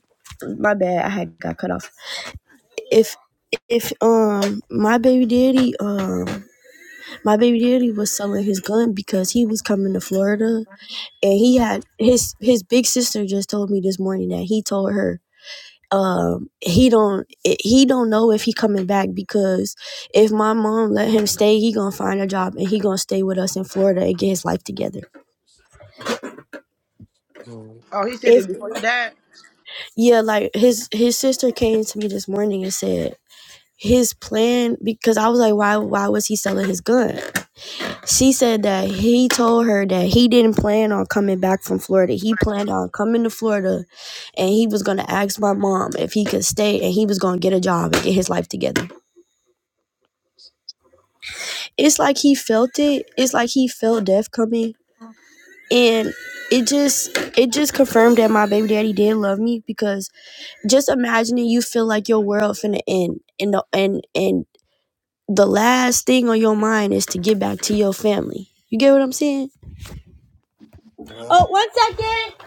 my bad, I had got cut off. If if um my baby daddy um My baby daddy was selling his gun because he was coming to Florida, and he had his his big sister just told me this morning that he told her um he don't he don't know if he coming back because if my mom let him stay he gonna find a job and he gonna stay with us in florida and get his life together hmm Mhm. Mhm. Oh, he said if it before he died. yeah like his his sister came to me this morning and said his plan because i was like why why was he selling his gun She said that he told her that he didn't plan on coming back from Florida. He planned on coming to Florida and he was going to ask my mom if he could stay and he was going to get a job and get his life together. It's like he felt it. It's like he felt death coming and it just it just confirmed that my baby daddy did love me because just imagining you feel like your world finna end and the, and and the last thing on your mind is to get back to your family. You get what I'm saying? Yeah. Oh, one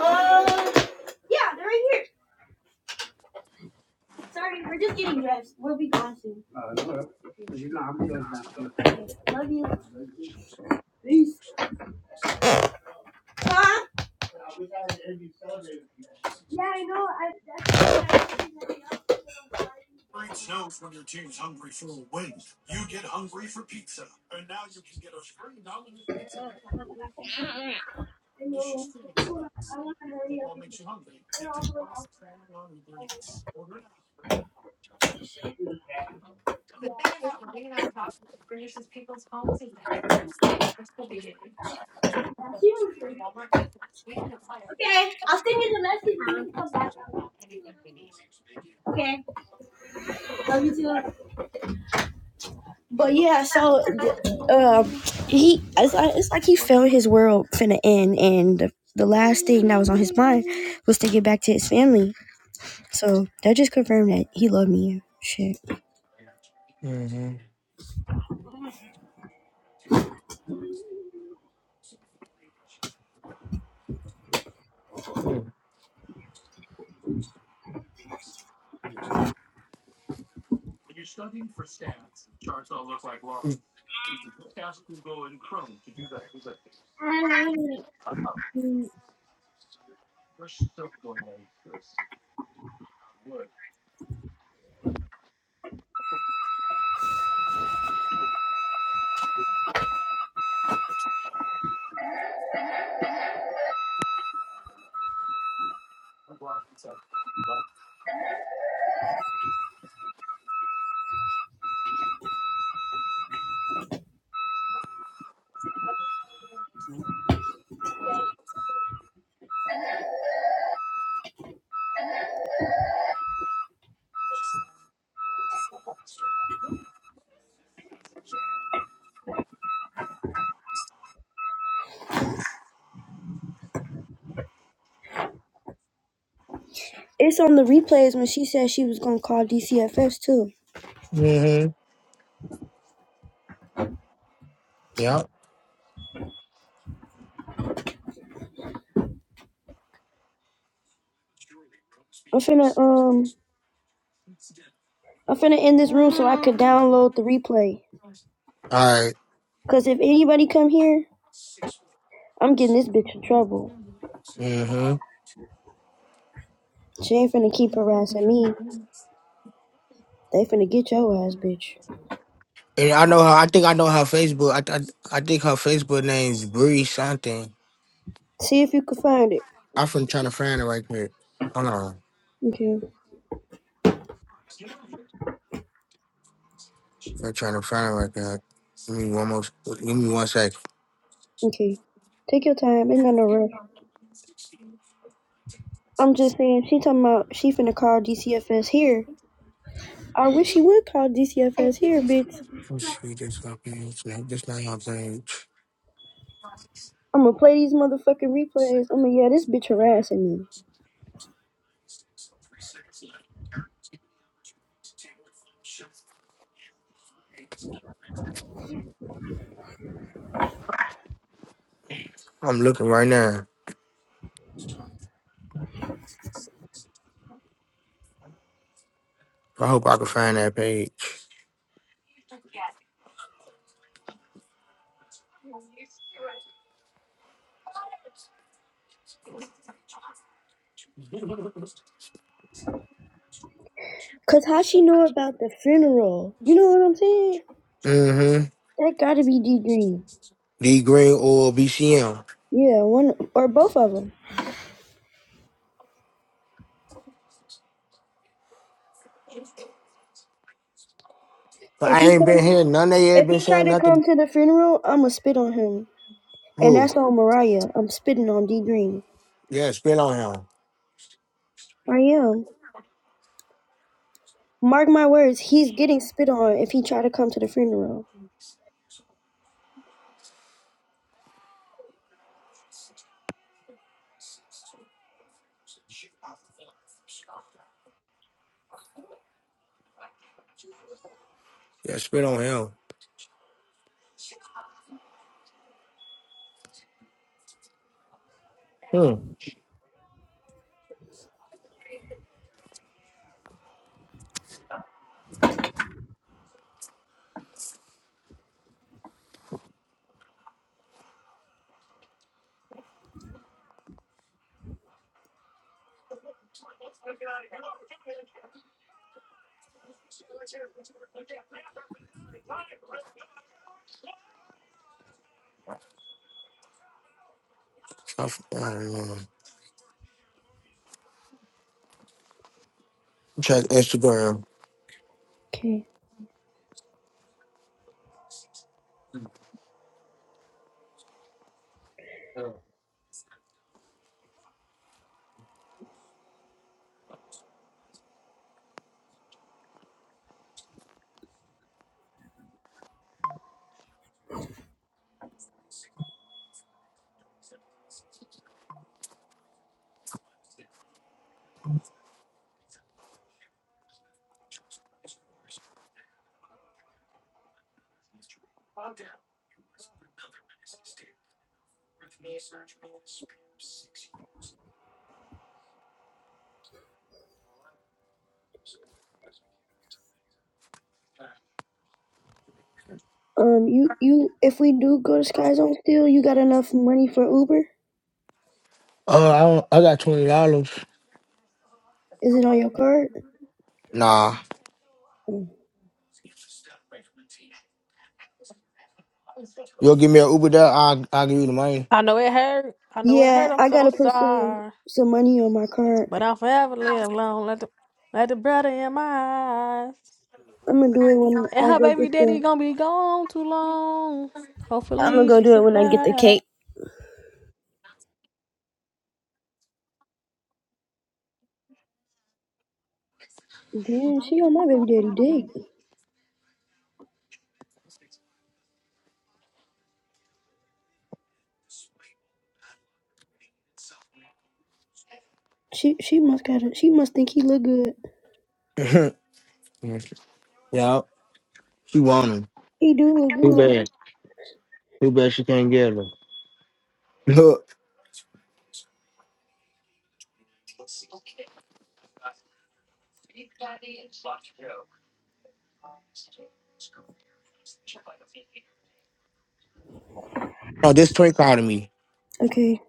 second. Um... Yeah, they're right here. Sorry, we're just getting dressed. We'll be gone soon. Huh? Yeah, I know. I, that's- okay, I'll send you the message when you come back. Okay. But yeah, so um, he it's like it's like he felt his world finna end, and the, the last thing that was on his mind was to get back to his family. So that just confirmed that he loved me. Shit, Mhm. Mm. it's on the replays when she said she was gonna call DCFS too. Mhm. Yep. I'm finna um I'm finna end this room so I could download the replay. All right. Cause if anybody come here I'm getting this bitch in trouble. Mhm. She ain't finna keep harassing me. They finna get your ass, bitch. And I know her. I think I know her Facebook. I I, I think her Facebook name's Bree something. See if you can find it. I'm from trying to find it right quick. Hold on. Okay, I'm trying to find it right now. Give me one more. Give me one sec. okay. Take your time. It's not no rush. I'm just saying, she talking about she finna call DCFS here. I wish she would call DCFS here, bitch. Oh, shoot, this fucking. This not this not your page. I'ma play these motherfucking replays. I'ma, yeah, this bitch harassing me. I'm looking right now. I hope I can find that page. Cause how she know about the funeral? You know what I'm saying? Mm-hmm. That gotta be D Green. D Green or BCM. Yeah, one or both of them. But If I he ain't been comes, here. None of you if been he try saying to come nothing. to the funeral, I'ma spit on him. And Who? that's on Mariah. I'm spitting on D Green. Yeah, spit on him. I am. Mark my words, he's getting spit on if he try to come to the funeral. Yeah, spit on him. Hmm. I, f- I don't know. Check Instagram. Okay. Um, you you if we do go to Sky Zone still, you got enough money for Uber? Oh, I don't, I got twenty dollars. Is it on your card? Nah. Mm. You'll give me an Uber there, I'll I'll give you the money. I know it hurt. I know it hurt. Yeah, I'm I so gotta put some sorry. some money on my card. But I'll forever live long. Let the let the brother in my eyes. I'm gonna do it when And I her go get baby daddy the. gonna be gone too long. I'm gonna Hopefully go she do it when I get the survives. cake. Damn, she on my baby daddy dick. She she must got it. She must think he look good. yeah. She want him. He do look Too good. bad. Too bad she can't get them. Look, oh, this twin called me. Okay.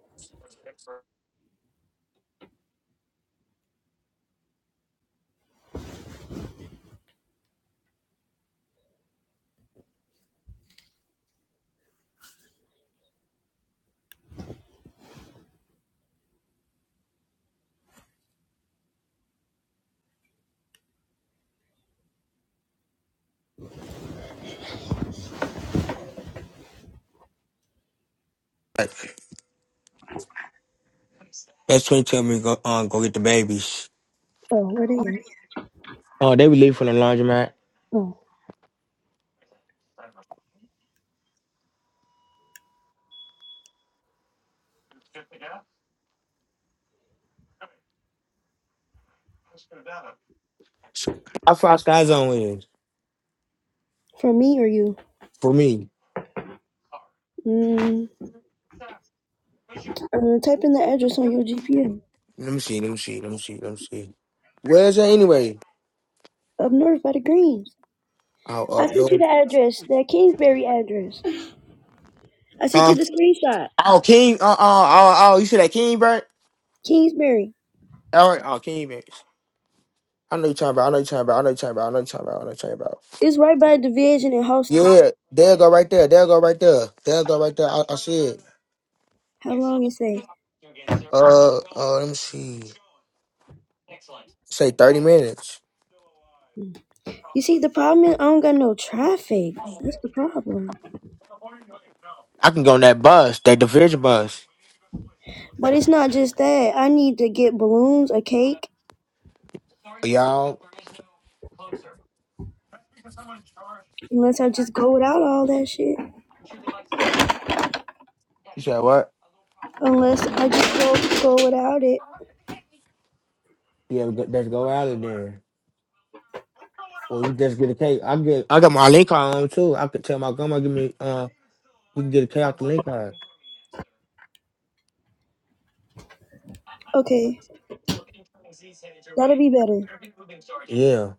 That's twin tell me go um, go get the babies. Oh, where they at? Oh, they be leaving from the laundromat. Oh, How far Sky Zone is from me or you? for me? Mm, uh, type in the address on your GPS. Let me see. Let me see. Let me see. Let me see. Where is it anyway? Up north by the greens. Oh, I up sent you the north. address, the Kingsbury address. I sent Huh? you the screenshot. Oh, King. Uh, uh, oh, oh, you see that King bird? Kingsbury. All right. Oh, King bird. I know you talking about. I know you talking about. I know you talking about. I know you talking about. I know you talking about. It's right by division and hosted. Yeah, they'll go right there. They'll go right there. They'll go right there. I, I see it. How long it say? Uh, uh, let me see. Say thirty minutes. You see, the problem is I don't got no traffic. That's the problem. I can go on that bus, that division bus. But it's not just that. I need to get balloons, a cake. Y'all, Unless I just go without all that shit. you said what? Unless I just go go without it. Yeah, we go- let's go out of there. Or we just get a cake. I'm get. I got my link card on too. I could tell my grandma give me. Uh, we can get a cake out the link card. Okay, that'll be better. Yeah.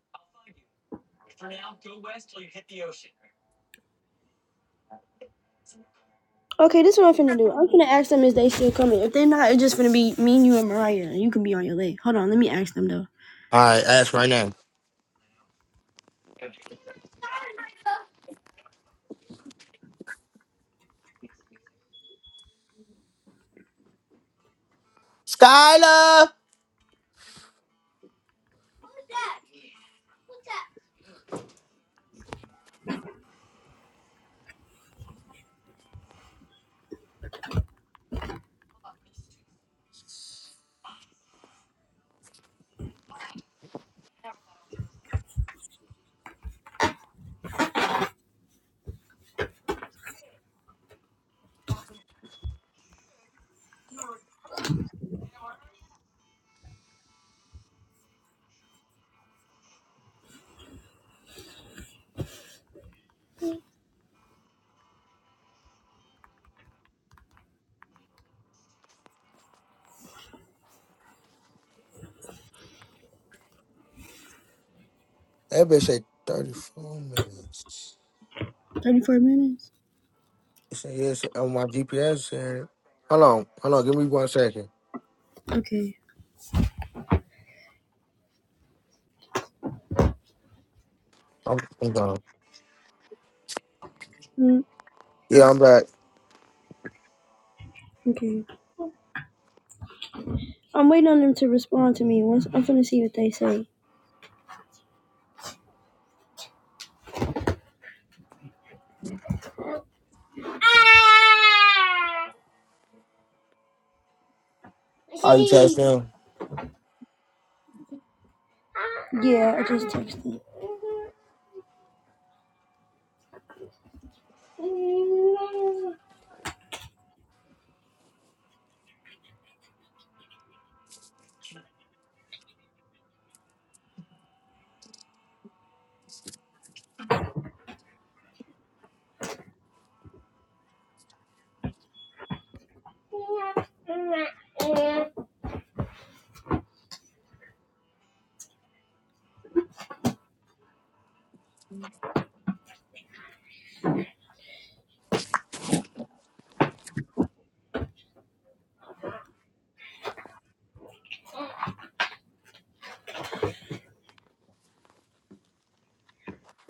Okay, this is what I'm finna do. I'm finna ask them if they still coming. If they're not, it's just finna be me, and you, and Mariah. You can be on your leg. Hold on, let me ask them though. All right, ask right now. Skylar, that bitch say thirty four minutes. Thirty-four minutes. It say yes on my GPS. Said, hold on, hold on. Give me one second. I'm, I'm gone. Mm, Yeah, I'm back. okay. I'm waiting on them to respond to me. Once I'm finna see what they say. Are you texting him? Yeah, I just texted them.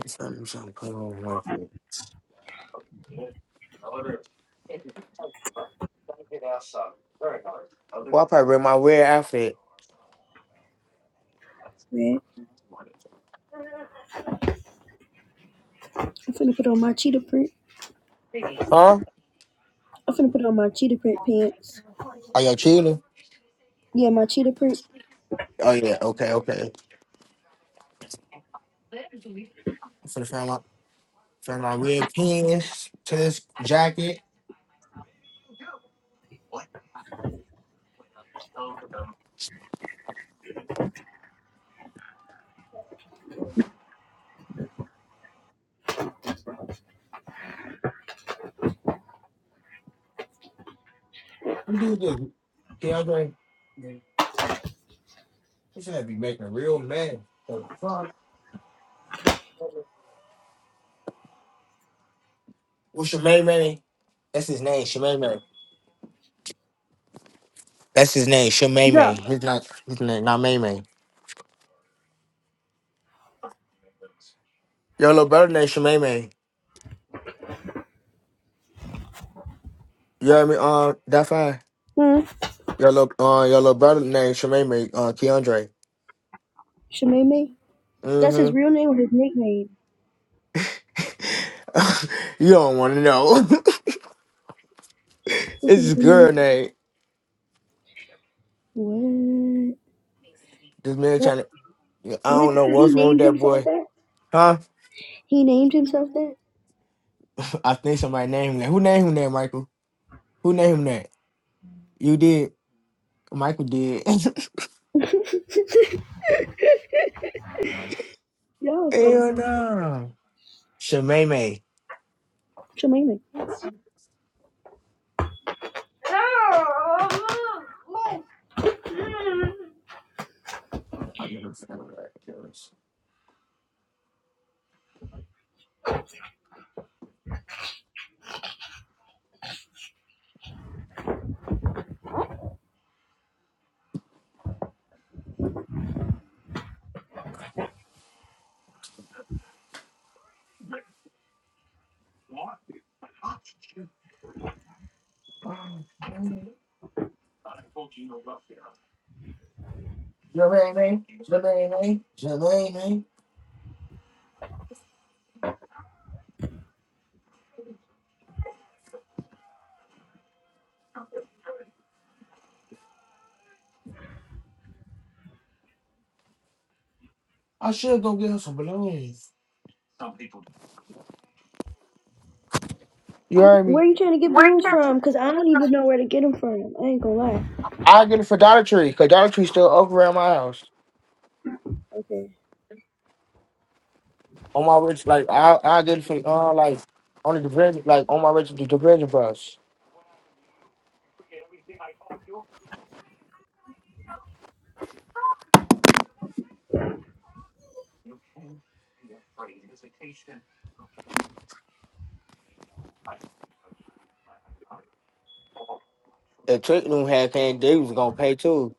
It's Something, something. Come on, real quick. Well, I probably wear my weird outfit, Red. I'm finna put on my cheetah print. huh? I'm finna put on my cheetah print pants. Are y'all chilling? Yeah, my cheetah print. Oh yeah, okay, okay. I'm finna find my find my red pants to this jacket. What's your May May? That's his name, Shemay May. That's his name, Shemay No. May. His not his name, not May May. Your little brother named Shemay May. You hear me? Uh, that fine. Hmm. Your little uh, your little brother named Shemay May. Uh, Keandre. Shameme. That's his real name or his nickname? Mm-hmm. you don't want to know. This it's is his real name. girl name. This man What? What? trying to. I What? don't know He what's wrong with named that himself boy, that. huh? He named himself that. I think somebody named him. that. Who named him that, Michael? Who named him that? You did. Michael did. Y'all funny. Hell no. Shemay May. Shemaine, Jermaine, Jermaine, Jermaine. You heard where me. are you trying to get balloons from? Cause I don't even know where to get them from. I ain't gonna lie. I get it for Dollar Tree because Dollar Tree still up around my house. Okay. On my rich, like I, I get it for uh, like on the diversion, like on my rich diversion bus. If Twickenham had came, they was gonna pay too.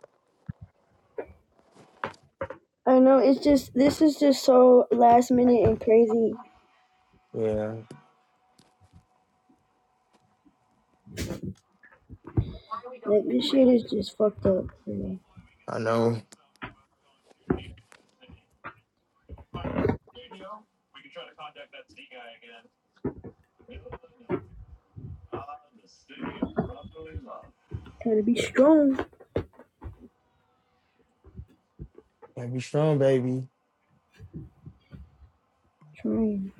I know it's just this is just so last minute and crazy. Yeah, Like this shit is just fucked up. You know? I know. Trying to be strong. Gotta be strong, baby. Trying.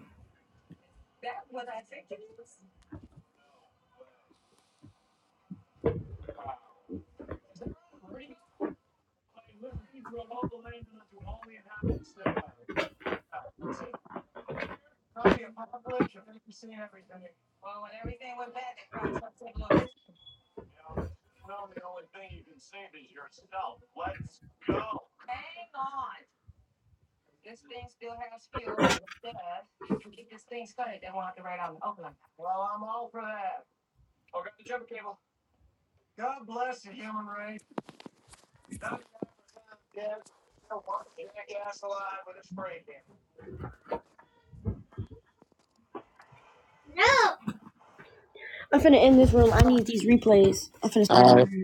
I'm finna end this room. I need these replays. I'm finna All start right. another.